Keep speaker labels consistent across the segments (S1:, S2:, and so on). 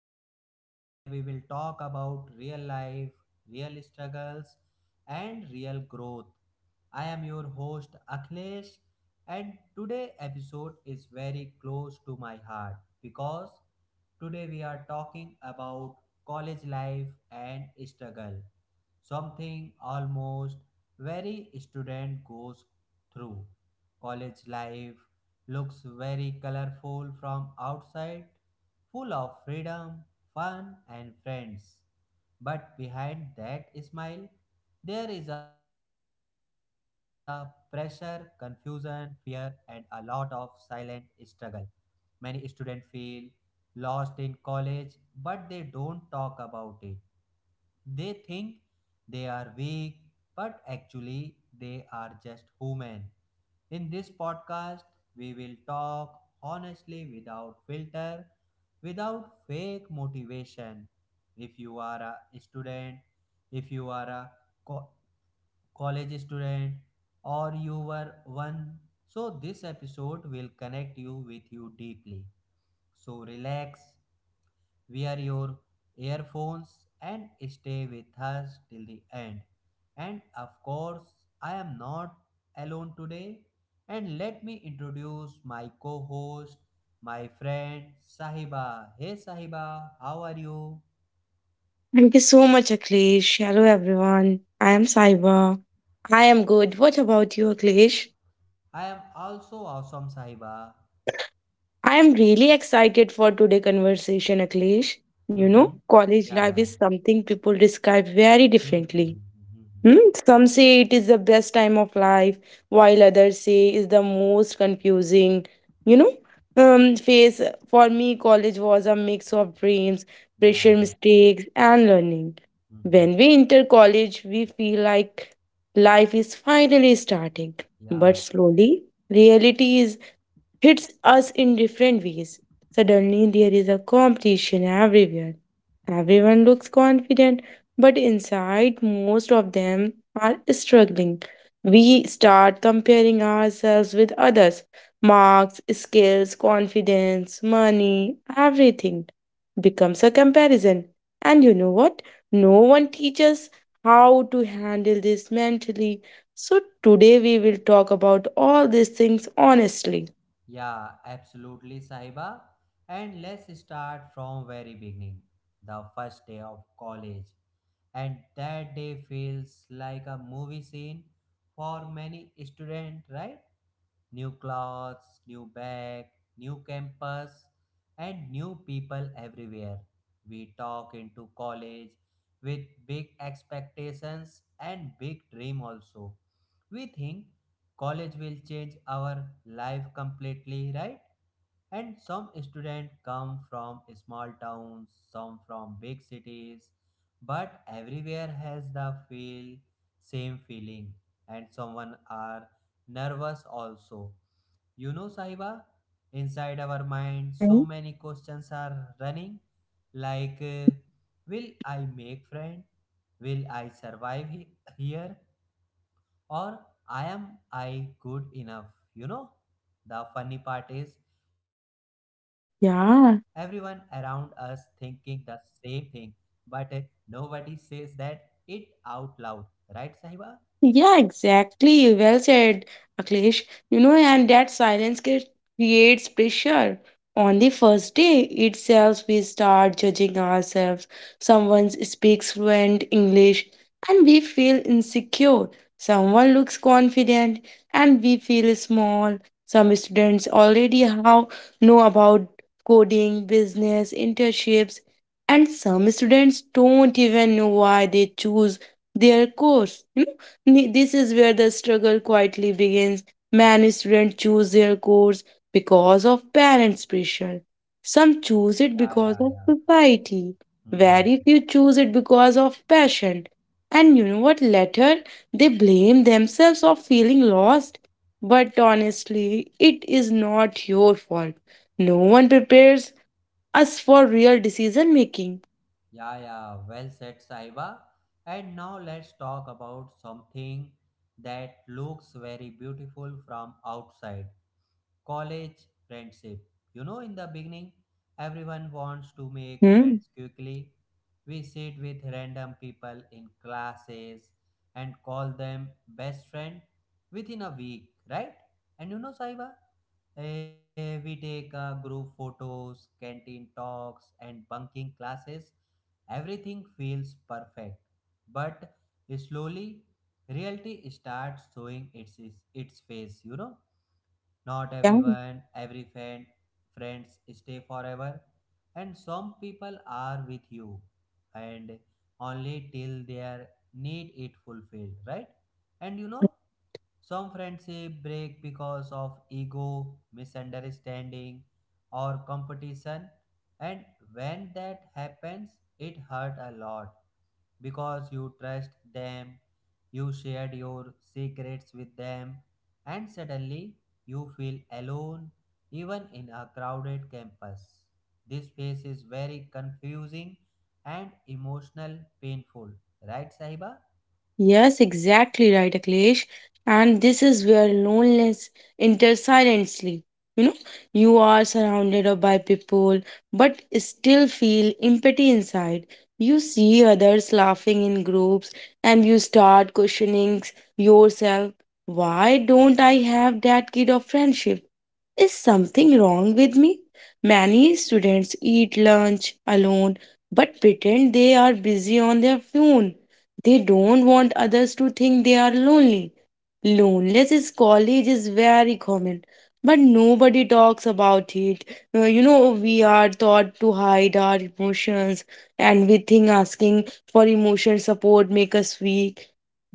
S1: podcast where we will talk about real life, real struggles, and real growth. I am your host Akhilesh, and today episode is very close to my heart because today we are talking about college life and struggle, something almost very student goes through. College life looks very colorful from outside, full of freedom, fun, and friends. But behind that smile, there is a pressure, confusion, fear, and a lot of silent struggle. Many students feel lost in college, but they don't talk about it. They think they are weak, but actually they are just human. In this podcast, we will talk honestly without filter, without fake motivation. If you are a student, if you are a co- college student, or you were one, so this episode will connect you with you deeply. So relax, wear your earphones and stay with us till the end. And of course, I am not alone today. And let me introduce my co host, my friend Sahiba. Hey Sahiba, how are you?
S2: Thank you so much, Aklesh. Hello, everyone. I am Saiba. I am good. What about you, Aklesh?
S1: I am also awesome, Sahiba.
S2: I am really excited for today's conversation, Aklesh. You know,
S1: Mm-hmm.
S2: college
S1: Yeah,
S2: life
S1: yeah.
S2: is something people describe very
S1: Mm-hmm, mm-hmm,
S2: differently.
S1: mm-hmm, mm-hmm.
S2: Hmm? Some say it is the best time of life, while others say is the most confusing. You know, phase for me, college was a mix of dreams,
S1: Yeah,
S2: pressure,
S1: yeah.
S2: mistakes, and learning. When
S1: Mm-hmm.
S2: we enter college, we feel like life is finally starting,
S1: Yeah.
S2: but slowly reality is hits us in different ways. Suddenly, there is a competition everywhere. Everyone looks confident but inside most of them are struggling. We start comparing ourselves with others marks, skills, confidence, money, everything becomes a comparison. And you know what? No one teaches how to handle this mentally. So today we will talk about all these things honestly.
S1: Yeah, absolutely, Sahiba. And let's start from very beginning, the first day of college. And that day feels like a movie scene for many students, right? New clothes, new bag, new campus, and new people everywhere. We talk into college with big expectations and big dream also. We think college will change our life completely, right? And some students come from small towns, some from big cities, but everywhere has the feel, same feeling, and someone are nervous also. You know Sahiba, inside our mind so
S2: Hmm.
S1: many questions are running like, will I make friend, will I survive here, or I good enough, you know? The funny part is everyone around us
S2: Yeah,
S1: thinking the same thing, but nobody says that it out loud, right, Sahiba?
S2: yeah, exactly. Well said, Akhilesh. You know, and that creates pressure. On the first day itself, we start judging ourselves. Someone speaks fluent English and we feel insecure. Someone looks confident and we feel small. Some students already how know about coding, business, internships, and some students don't even know why they choose their course. This is where the struggle quietly begins. Many students choose their course because of parents' pressure. Some choose it
S1: Yeah,
S2: because
S1: yeah,
S2: of
S1: yeah.
S2: society.
S1: Mhm.
S2: Very few choose it because of passion. And you know what? Later, they blame themselves of feeling lost. But honestly, it is not your fault. No one prepares us for real decision making.
S1: Yeah, yeah. Well said, Sahiba. And now let's talk about something that looks very beautiful from outside, college friendship. You know, in the beginning, everyone wants to make
S2: Hmm.
S1: friends quickly. We sit with random people in classes and call them best friend within a week, right? And you know, Saiba, we take group photos, canteen talks, and bunking classes. Everything feels perfect, but slowly reality starts showing its face. You know, not everyone, friends stay forever, and some people are with you, and only till their need it fulfilled, right? And you know, some friendship break because of ego, misunderstanding, or competition, and when that happens, it hurt a lot because you trust them, you shared your secrets with them, and suddenly you feel alone even in a crowded campus. This phase is very confusing and emotional painful, right Sahiba?
S2: Yes, exactly right, Akhilesh. And this is where loneliness enters silently. You know, you are surrounded of- by people, but still feel empty inside. You see others laughing in groups, and you start questioning yourself. Why don't I have that kind of friendship? Is something wrong with me? Many students eat lunch alone but pretend they are busy on their phone. They don't want others to think they are lonely. Loneliness in college is very common, but nobody talks about it. You know, we are taught to hide our emotions, and we think asking for emotional support make us weak.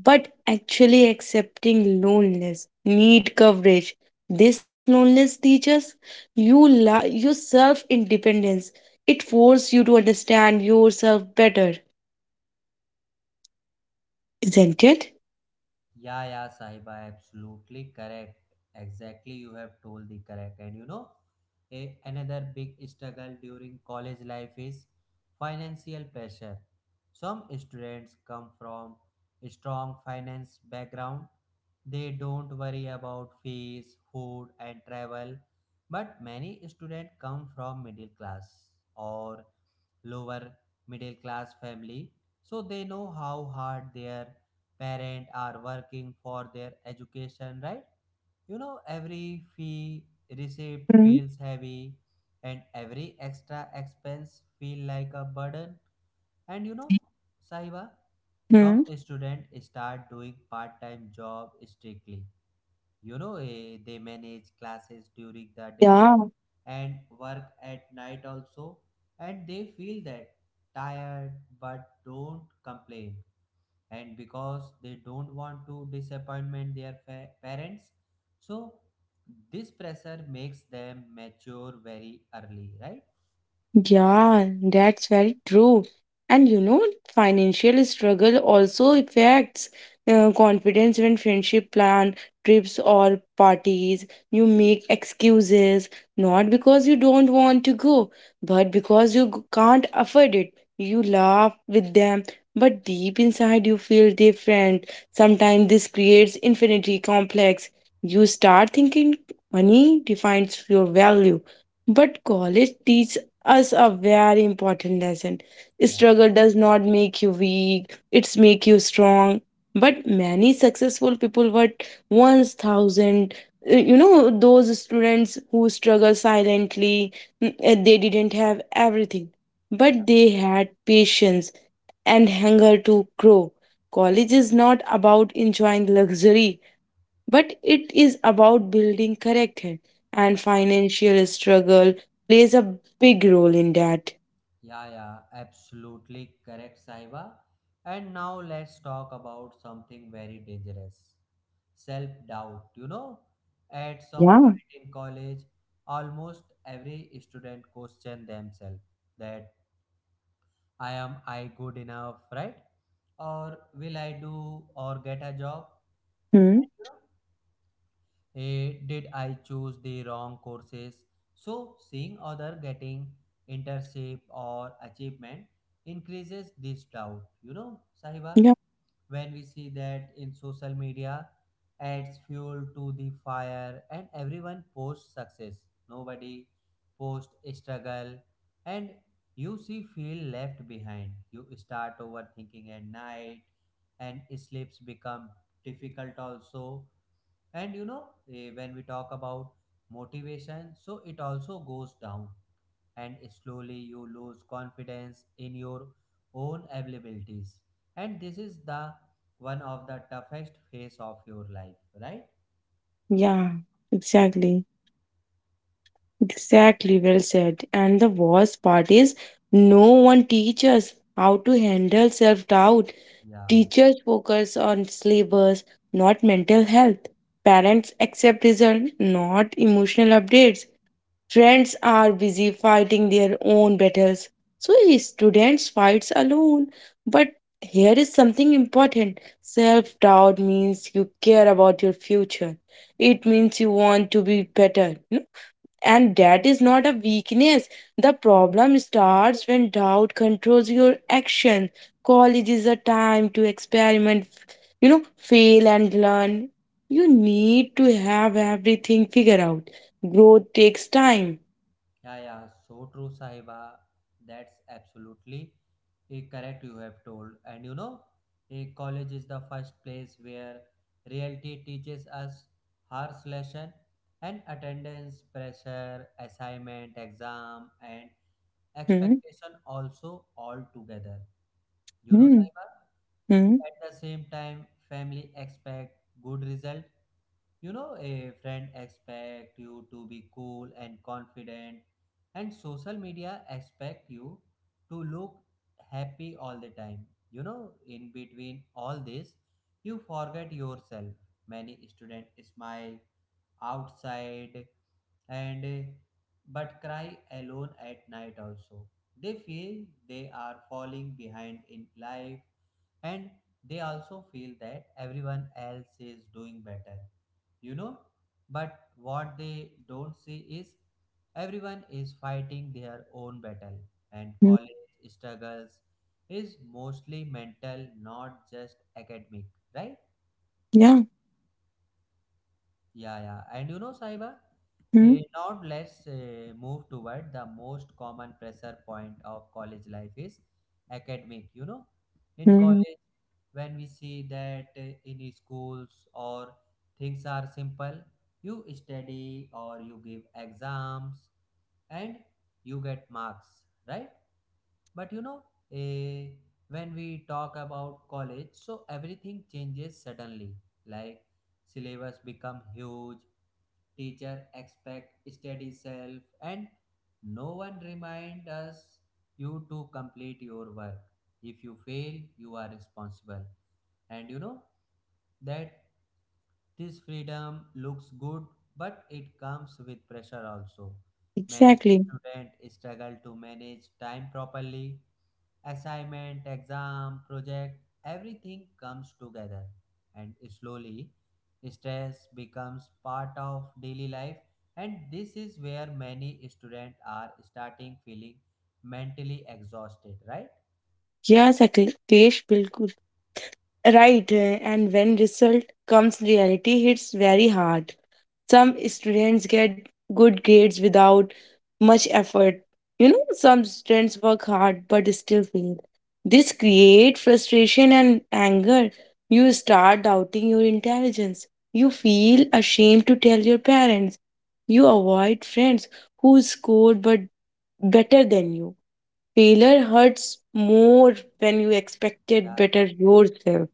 S2: But actually, accepting loneliness need coverage this loneliness teaches you your self independence. It forces you to understand yourself better, isn't it?
S1: Yeah, yeah, Sahiba, absolutely correct. Exactly, you have told the correct. And you know, another big struggle during college life is financial pressure. Some students come from a strong finance background. They don't worry about fees, food, and travel. But many students come from middle class or lower middle class family, so they know how hard their parents are working for their education, right? You know, every fee received
S2: Mm-hmm.
S1: feels heavy and every extra expense feel like a burden. And you know Sahiba, some
S2: Hmm.
S1: students start doing part-time job strictly, you know, they manage classes during the day
S2: Yeah.
S1: and work at night also, and they feel that tired but don't complain. And because they don't want to disappointment their parents, so this pressure makes them mature very early, right?
S2: Yeah, that's very true. And you know, financial struggle also affects confidence when friendship plan, trips or parties. You make excuses, not because you don't want to go, but because you can't afford it. You laugh with them, but deep inside you feel different. Sometimes this creates infinity complex. You start thinking money defines your value. But college teaches us a very important lesson.
S1: Yeah,
S2: Struggle does not make you weak, it's make you strong. But many successful people were once thousand you know those students who struggle silently they didn't have everything
S1: yeah,
S2: but they had patience and hunger to grow. College is not about enjoying luxury but it is about building character
S1: yeah.
S2: and financial struggle plays a big role in that.
S1: Yeah, yeah, absolutely correct, Saiba. And now let's talk about something very dangerous, self doubt. You know, at some
S2: Yeah.
S1: point in college, almost every student question themselves that I good enough, right? Or will I do or get a job?
S2: Hmm?
S1: Did I choose the wrong courses? So seeing other getting internship or achievement increases this doubt. You know, Sahiba,
S2: Yeah,
S1: when we see that in social media adds fuel to the fire and everyone posts success. Nobody posts struggle and you see feel left behind. You start overthinking at night and sleeps become difficult also. And you know, when we talk about motivation, so it also goes down and slowly you lose confidence in your own abilities, and this is the one of the toughest phase of your life, right?
S2: yeah, exactly, exactly. Well said, and the worst part is no one teaches how to handle self-doubt.
S1: yeah
S2: Teachers focus on syllabus, not mental health. Parents accept results, not emotional updates. Friends are busy fighting their own battles, so students fights alone. But here is something important. Self-doubt means you care about your future. It means you want to be better, you know? And that is not a weakness. The problem starts when doubt controls your action. College is a time to experiment, you know, fail and learn. You need to have everything figured out. Growth takes time.
S1: Yeah, yeah, so true, Sahiba. That's absolutely correct, you have told. And you know, a college is the first place where reality teaches us harsh lesson, and attendance, pressure, assignment, exam, and
S2: Mhm.
S1: expectation also all together. You know,
S2: Mhm.
S1: Sahiba?
S2: Mhm.
S1: At the same time, family expect good result, you know, a friend expect you to be cool and confident and social media expect you to look happy all the time. You know, in between all this, you forget yourself. Many students smile outside and but cry alone at night also. They feel they are falling behind in life and they also feel that everyone else is doing better, you know, but what they
S2: Yeah.
S1: don't see is everyone is fighting their own battle, and
S2: Mhm.
S1: college struggles is mostly mental, not just academic, right?
S2: Yeah.
S1: Yeah, yeah. And you know, Saiba,
S2: Mhm.
S1: now let's move toward the most common pressure point of college life is academic. You know, in
S2: Mhm.
S1: college, when we see that in schools or things are simple, you study or you give exams and you get marks, right? But you know, eh, when we talk about college, so everything changes suddenly. Like syllabus become huge, teacher expect steady self, and no one remind us you to complete your work. If you fail, you are responsible. And you know, that this freedom looks good but it comes with pressure also. Many
S2: Exactly.
S1: students struggle to manage time properly, assignment, exam, project, everything comes together. And slowly, stress becomes part of daily life. And this is where many students are starting feeling mentally exhausted, right?
S2: Yes, Akhilesh, bilkul. Right. And when result comes, reality hits very hard. Some students get good grades without much effort. You know, some students work hard but still fail. This creates frustration and anger. You start doubting your intelligence. You feel ashamed to tell your parents. You avoid friends who scored but better than you. Failure hurts more when you expected
S1: Yeah, yeah.
S2: better yourself,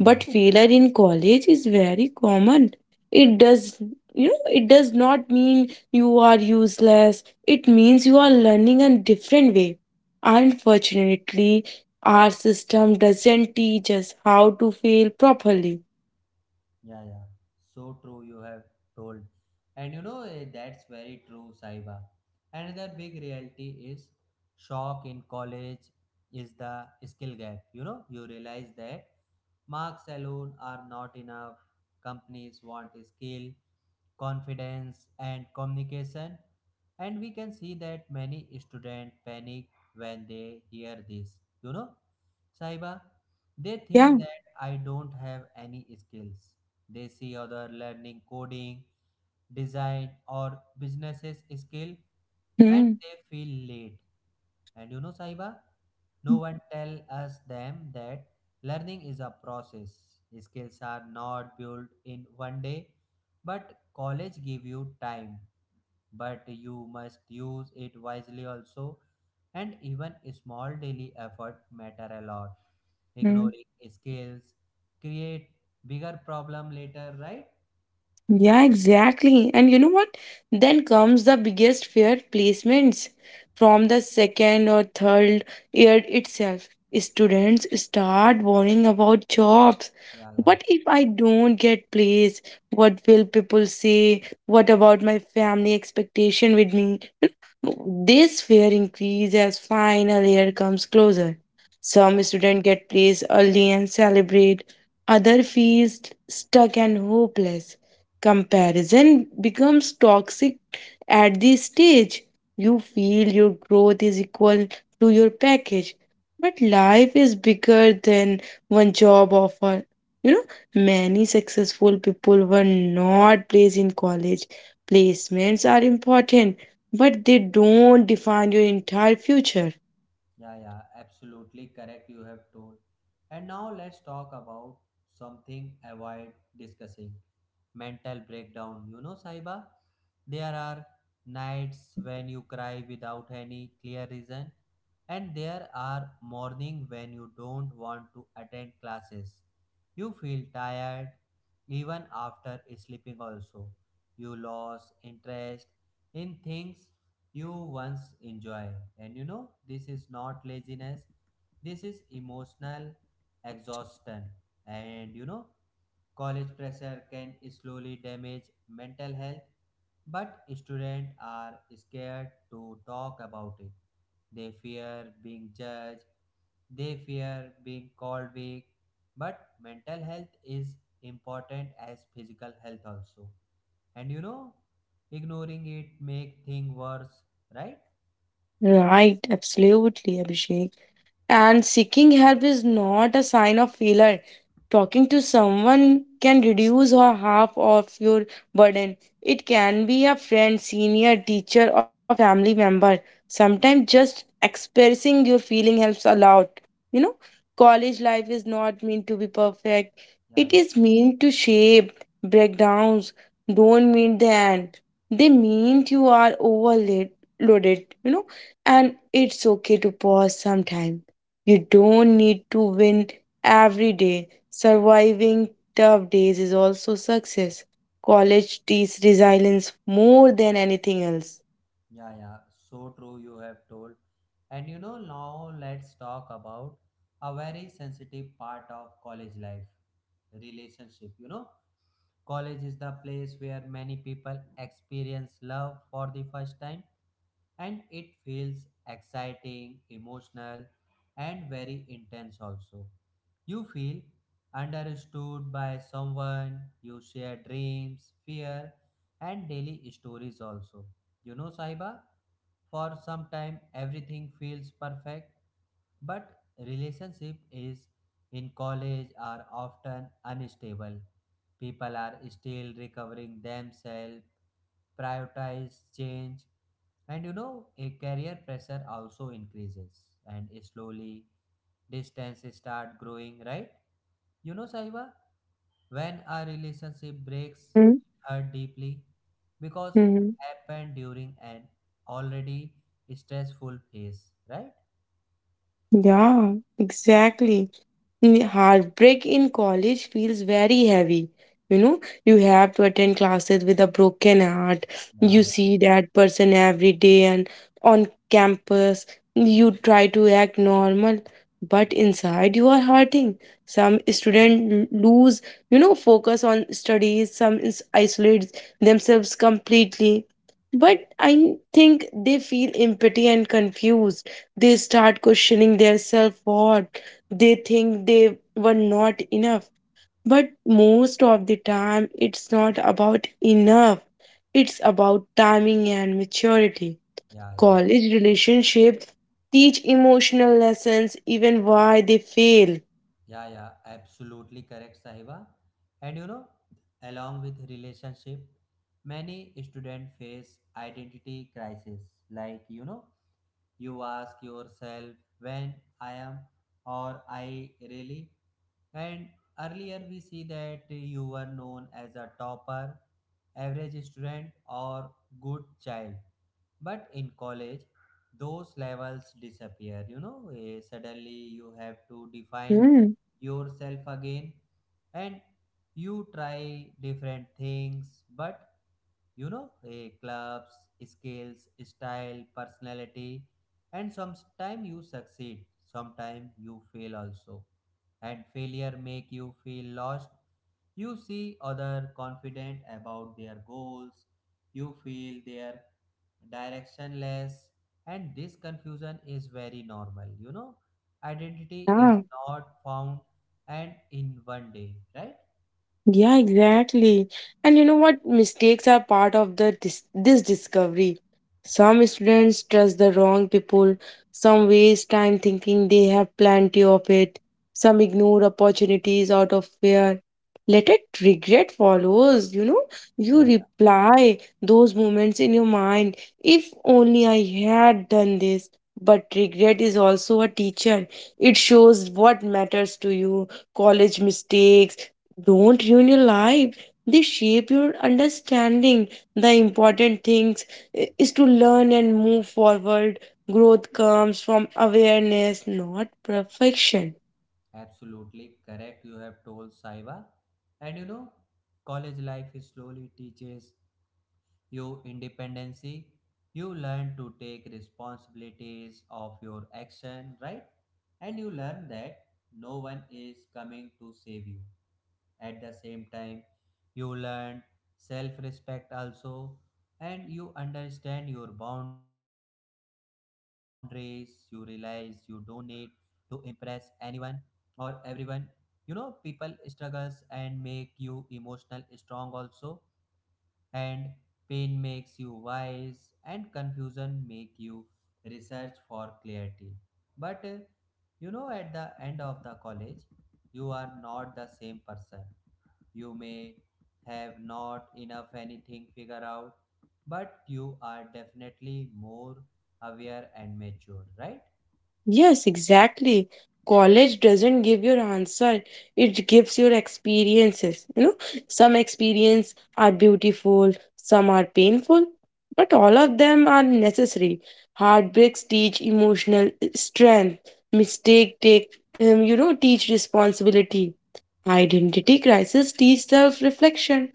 S2: but failure in college is very common. It does, you know, it does not mean you are useless. It means you are learning a different way. Unfortunately, our system doesn't teach us how to fail properly.
S1: Yeah, yeah. So true, you have told. And you know, that's very true, Saiba. Another big reality is shock in college is the skill gap. You know, you realize that marks alone are not enough. Companies want skill, confidence and communication, and we can see that many students panic when they hear this. You know Saiba, they think
S2: Yeah.
S1: that I don't have any skills. They see other learning coding, design or businesses skill, and
S2: Hmm.
S1: they feel late. And you know, Saiba, no one tell us them that learning is a process. Skills are not built in one day, but college give you time. But you must use it wisely also. And even small daily effort matter a lot.
S2: Mm.
S1: Ignoring skills create bigger problem later, right?
S2: Yeah, exactly. And you know what? Then comes the biggest fear placements from the second or third year itself. Students start worrying about jobs.
S1: Yeah, yeah,
S2: What if I don't get placed? What will people say? What about my family expectation with me? This fear increases as final year comes closer.
S1: yeah.
S2: Some students get placed early and celebrate, others feel stuck and hopeless. Comparison becomes toxic at this stage. You feel your growth is equal to your package. But life is bigger than one job offer. You know, many successful people were not placed in college. Placements are important but they don't define your entire future.
S1: Yeah, yeah, absolutely correct. You have told. And now let's talk about something avoid discussing, mental breakdown. You know, Saiba, there are
S2: Yeah,
S1: nights when you cry without any clear reason, and there are morning when you don't want to attend classes. You feel tired even after sleeping, also. You lose interest in things you once enjoy. And you know, this is not laziness, this is emotional exhaustion. And you know, college pressure can slowly damage mental health, but students are scared to talk about it. They fear being judged, they fear being called weak, but mental health is important as physical health also. And you know, ignoring it make things worse, right?
S2: right. Absolutely, Abhishek. And seeking help is not a sign of failure. Talking to someone can reduce or half of your burden. It can be a friend, senior, teacher, or family member. Sometimes just expressing your feeling helps a lot. You know, college life is not meant to be perfect.
S1: Yeah,
S2: It
S1: yeah,
S2: is meant to shape breakdowns. Don't mean the end. They mean you are overloaded, you know, and it's okay to pause sometime. You don't need to win every day. Surviving tough days is also success. College teaches resilience more than anything else.
S1: yeah, yeah. So true, you have told. And you know, now let's talk about a very sensitive part of college life, relationship. You know, college is the place where many people experience love for the first time and it feels exciting, emotional, and very intense also. You feel understood by someone, you share dreams, fear, and daily stories also. You know, Saiba, for some time everything feels perfect but relationship is in college are often unstable. People are still recovering themselves, prioritize change, and you know a career pressure also increases and slowly distance start growing, right? You know Saiba, when a relationship breaks it hurt deeply because it
S2: Mm-hmm.
S1: happened during an already stressful phase, right?
S2: Yeah, exactly. Mm, heartbreak in college feels very heavy. You know, you have to attend classes with a broken heart. You
S1: Yeah,
S2: see that person every day and on campus. You try to act normal,
S1: yeah.
S2: but inside you are hurting. Some students lose, you know, focus on studies. Some isolate themselves completely. But I think they feel empty and confused. They start questioning their self worth, they think they were not enough. But most of the time, it's not about enough, it's about timing and maturity.
S1: Yeah, yeah,
S2: College relationships teach emotional lessons, even why they fail.
S1: yeah, yeah, absolutely correct, Sahiba. And you know, along with relationship, many students face identity crisis. Like, you know, you ask yourself when I am or I really. And earlier we see that you were known as a topper, average student, or good child. But in college those levels disappear, you know. Suddenly you have to define yourself again, and you try different things, but you know, clubs, skills, style, personality, and sometimes you succeed, sometimes you fail also, and failure make you feel lost. You see other confident about their goals, you feel their directionless, and this confusion is very normal, you know, identity is
S2: Yeah.
S1: not found and in one day, right?
S2: Yeah, exactly. And you know what? Mistakes are part of the this discovery. Some students trust the wrong people. Some waste time thinking they have plenty of it. Some ignore opportunities out of fear. Later, regret follows. You know, you
S1: Yeah.
S2: reply those moments in your mind. If only I had done this. But regret is also a teacher. It shows what matters to you. College mistakes don't ruin your life, they shape your understanding the important things is to learn and move forward. Growth comes from awareness, not perfection.
S1: Absolutely correct, you have told Saiba. And you know, college life slowly teaches you independency. You learn to take responsibilities of your action, right? And you learn that no one is coming to save you at the same time you learn self respect also, and you understand your boundaries. You realize you don't need to impress anyone or everyone. You know people struggles and make you emotional strong also. And pain makes you wise and confusion make you research for clarity. But you know, at the end of the college you are not the same person. You may have not enough anything figured out, but you are definitely more aware and mature, right?
S2: Yes, exactly. College doesn't give your answer, it gives your experiences. You know, some experience are beautiful, some are painful, but all of them are necessary. Heartbreaks teach emotional strength. Mistake take you know teach responsibility. Identity crisis teach self reflection.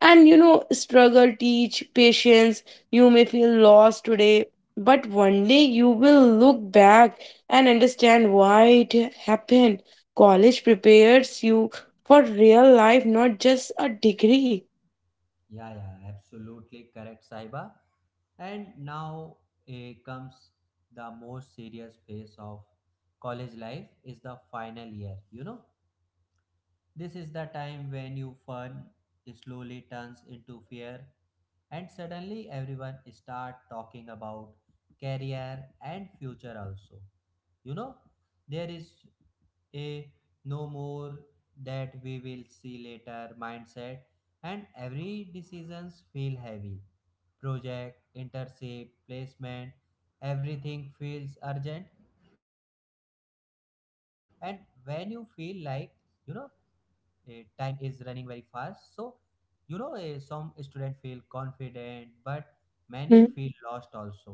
S2: And you know, struggle teach patience. You may feel lost today, but one day you will look back and understand why it happened. College prepares you for real life, not just a degree.
S1: Yeah, yeah, absolutely correct, Saiba. And now comes the most serious phase of college life is the final year. You know, this is the time when your fun slowly turns into fear, and suddenly everyone start talking about career and future also. You know, there is a no more that we will see later mindset, and every decisions feel heavy. Project, internship, placement, everything feels urgent. And when you feel like, you know time is running very fast, so some students feel confident, but many
S2: Hmm.
S1: feel lost also.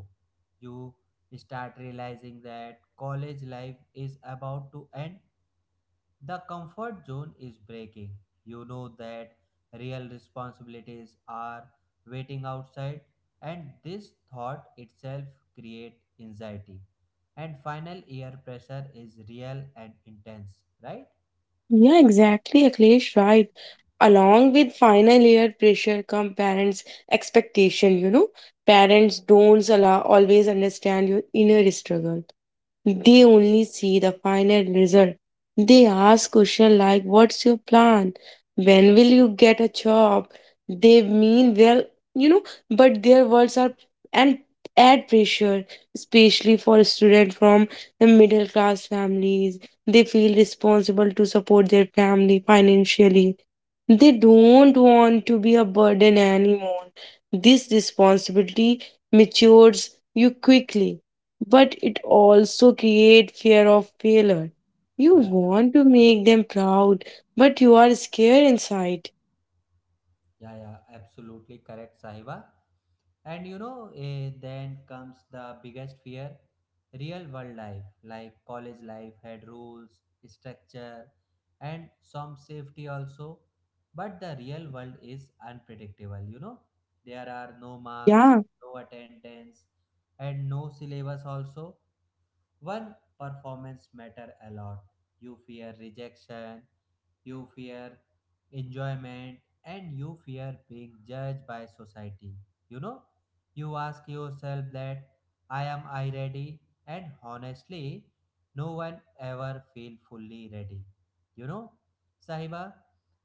S1: You start realizing that college life is about to end. The comfort zone is breaking. You know that real responsibilities are waiting outside, and this thought itself create anxiety. And final year pressure is real and intense, right?
S2: Yeah, exactly, Akhilesh, right. Along with final year pressure come parents' expectation, you know. Parents don't allow, always understand your inner struggle. They only see the final result. They ask questions like, "What's your plan? When will you get a job?" They mean well, you know, but their words are and add pressure, especially for students from the middle class families. They feel responsible to support their family financially. They don't want to be a burden anymore. This responsibility matures you quickly, but it also creates fear of failure. You
S1: Yeah, yeah,
S2: want to make them proud, but you are scared inside.
S1: yeah, yeah, absolutely correct, Sahiba. And you know, then comes the biggest fear, real world life. Like, college life had rules, structure, and some safety also. But the real world is unpredictable, you know. There are no marks,
S2: Yeah.
S1: no attendance, and no syllabus also. One performance matter a lot. You fear rejection, you fear enjoyment, and you fear being judged by society. You know, you ask yourself that I am I ready? And honestly, no one ever feel fully ready. You know, Sahiba,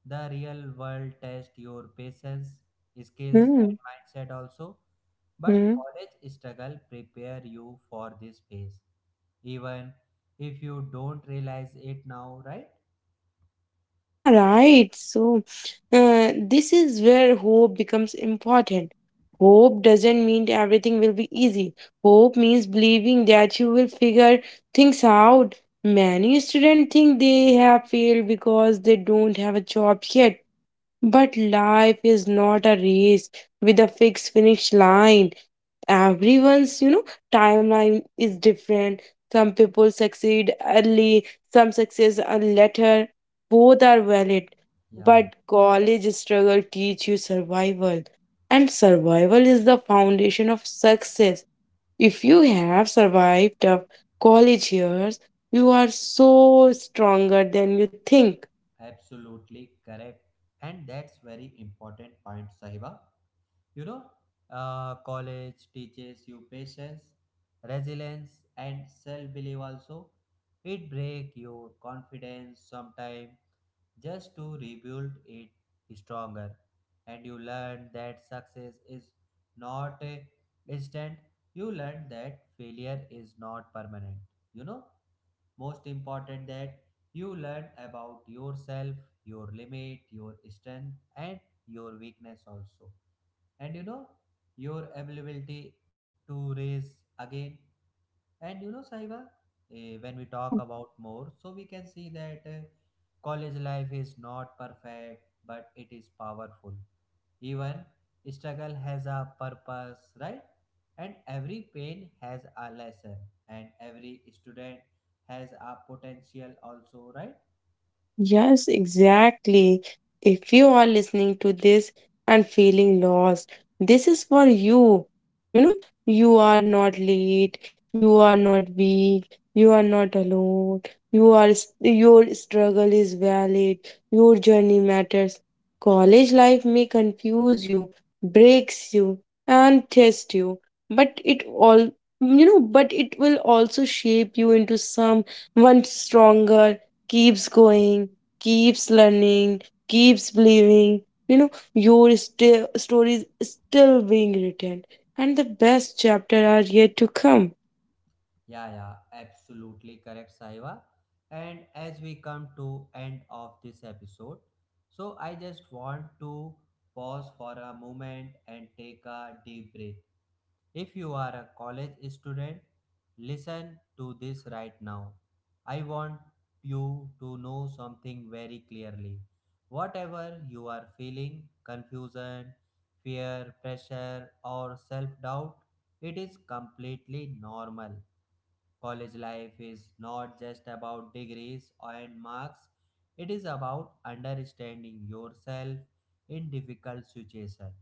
S1: the real world test your patience, skills and
S2: Hmm.
S1: mindset also. But
S2: Hmm.
S1: college struggle prepare you for this phase, even if you don't realize it now, right?
S2: Yeah, right. So, this is where hope becomes important. Hope doesn't mean everything will be easy. Hope means believing that you will figure things out. Many students think they have failed because they don't have a job yet. But life is not a race with a fixed finish line. Everyone's, you know, timeline is different. Some people succeed early, some success are later, both are valid.
S1: Yeah,
S2: But college struggle teach you survival, and survival is the foundation of success. If you have survived tough college years, you are so stronger than you think.
S1: absolutely correct. And that's very important point, Sahiba. You know, college teaches you patience, resilience, and self belief also. It breaks your confidence sometimes, just to rebuild it stronger. And you learn that success is not a instant. You learn that failure is not permanent. You know, most important that you learn about yourself, your limit, your strength, and your weakness also. And you know your availability to raise again. And you know, saiba, when we talk about more, so we can see that college life is not perfect, but it is powerful. Even struggle has a purpose, right? And every pain has a lesson, and every student has a potential also, right?
S2: Yes, exactly. If you are listening to this and feeling lost, this is for you. You know, you are not late, you are not weak, you are not alone. You are your struggle is valid. Your journey matters. College life may confuse you, breaks you, and test you, but it all, you know, but it will also shape you into someone stronger, keeps
S1: Yeah.
S2: going, keeps learning, keeps believing. You know, your story is still being written, and the best chapter are yet to come.
S1: Yeah, yeah, absolutely correct, Saiva. And as we come to end of this episode, so I just want to pause for a moment and take a deep breath. If you are a college student, listen to this right now. I want you to know something very clearly. Whatever you are feeling, confusion, fear, pressure, or self doubt, it is completely normal. College life is not just about degrees and marks, it is about understanding yourself in difficult situations.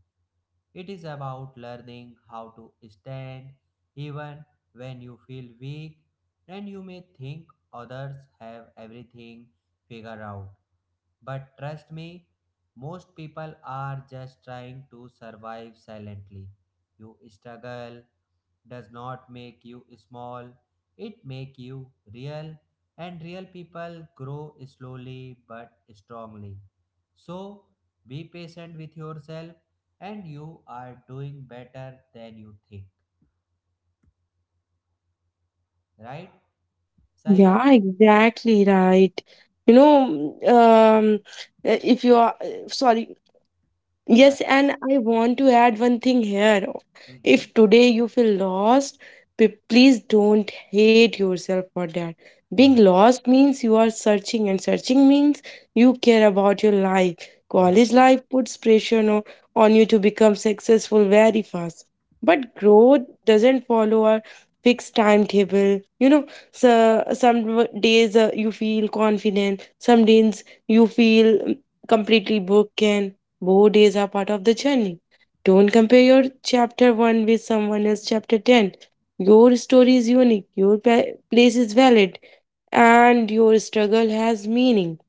S1: It is about learning how to stand even when you feel weak. And you may think others have everything figured out. But trust me, most people are just trying to survive silently. You struggle, does not make you small, it make you real. And real people grow slowly but strongly. So be patient with yourself, and you are doing better than you think, right, sahiba?
S2: Yeah, exactly right. You know, um, if you are sorry,
S1: Yeah,
S2: yes,
S1: yeah,
S2: and I want to add one thing here.
S1: mm-hmm.
S2: If today you feel lost, please don't hate yourself for that. Being
S1: Hmm.
S2: lost means you are searching, and searching means you care about your life.
S1: Yeah.
S2: College life puts pressure on you to become successful very fast. But growth doesn't follow a fixed timetable. You know, so some days you feel confident, some days you feel mm, completely broken. Both days are part of the journey. Don't compare your chapter 1 with someone else's chapter 10. Your story is unique, your place is valid, and your struggle has meaning.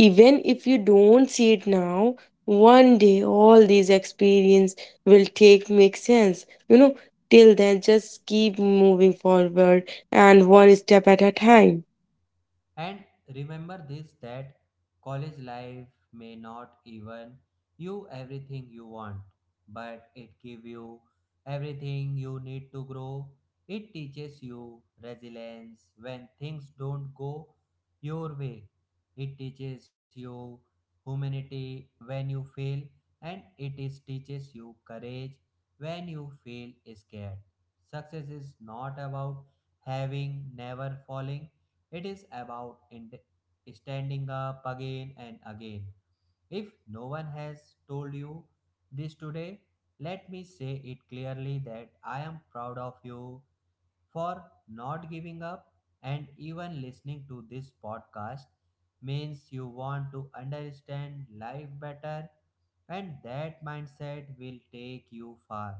S2: Even if you don't see it now, one day all these experience will take make sense. You know, till then just keep moving forward and one step at a time.
S1: And remember this that college life may not even you everything you want, but it give you everything you need to grow. It teaches you resilience when things don't go your way. It teaches you humanity when you fail, and it is teaches you courage when you feel scared. Success is not about having never falling, it is about standing up again and again. If no one has told you this today, let me say it clearly that I am proud of you for not giving up, and even listening to this podcast means you want to understand life better, and that mindset will take you far.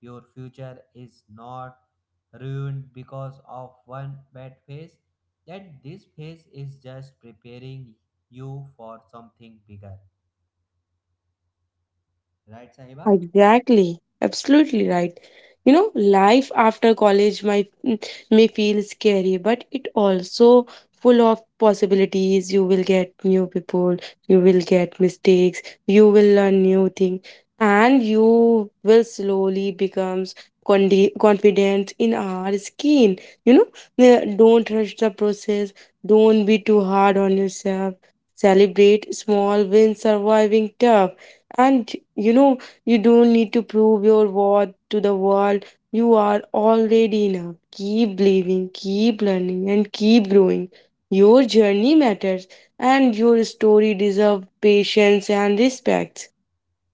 S1: Your future is not ruined because of one bad phase, and this phase is just preparing you for something bigger. Right,
S2: Yeah,
S1: Sahiba?
S2: exactly. Absolutely right. You know, life after college might mm, may feel scary, but it also full of possibilities. You will get new people, you will get mistakes, you will learn new things, and you will slowly becomes confident in our skin. You know, don't rush the process. Don't be too hard on yourself. Celebrate small wins, surviving tough, and you know you don't need to prove your worth to the world. You are already enough. Keep believing, keep learning, and keep growing. Your journey matters, and your story deserves patience and respect.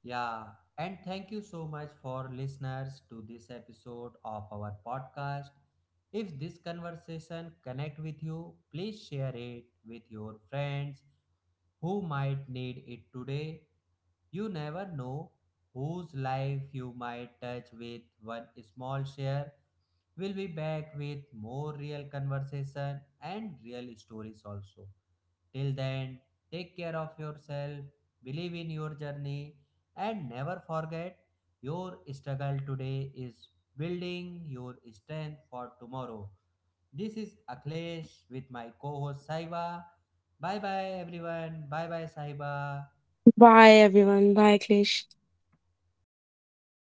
S1: Yeah. And thank you so much for listeners to this episode of our podcast. If this conversation connect with you, please share it with your friends who might need it today. You never know whose life you might touch with one small share. We'll be back with more real conversation and real stories also. Till then, take care of yourself, believe in your journey, and never forget your struggle today is building your strength for tomorrow. This is Akhilesh with my co host Saiba. Bye bye everyone. Bye bye Saiba.
S2: Bye, everyone. Bye, Klish.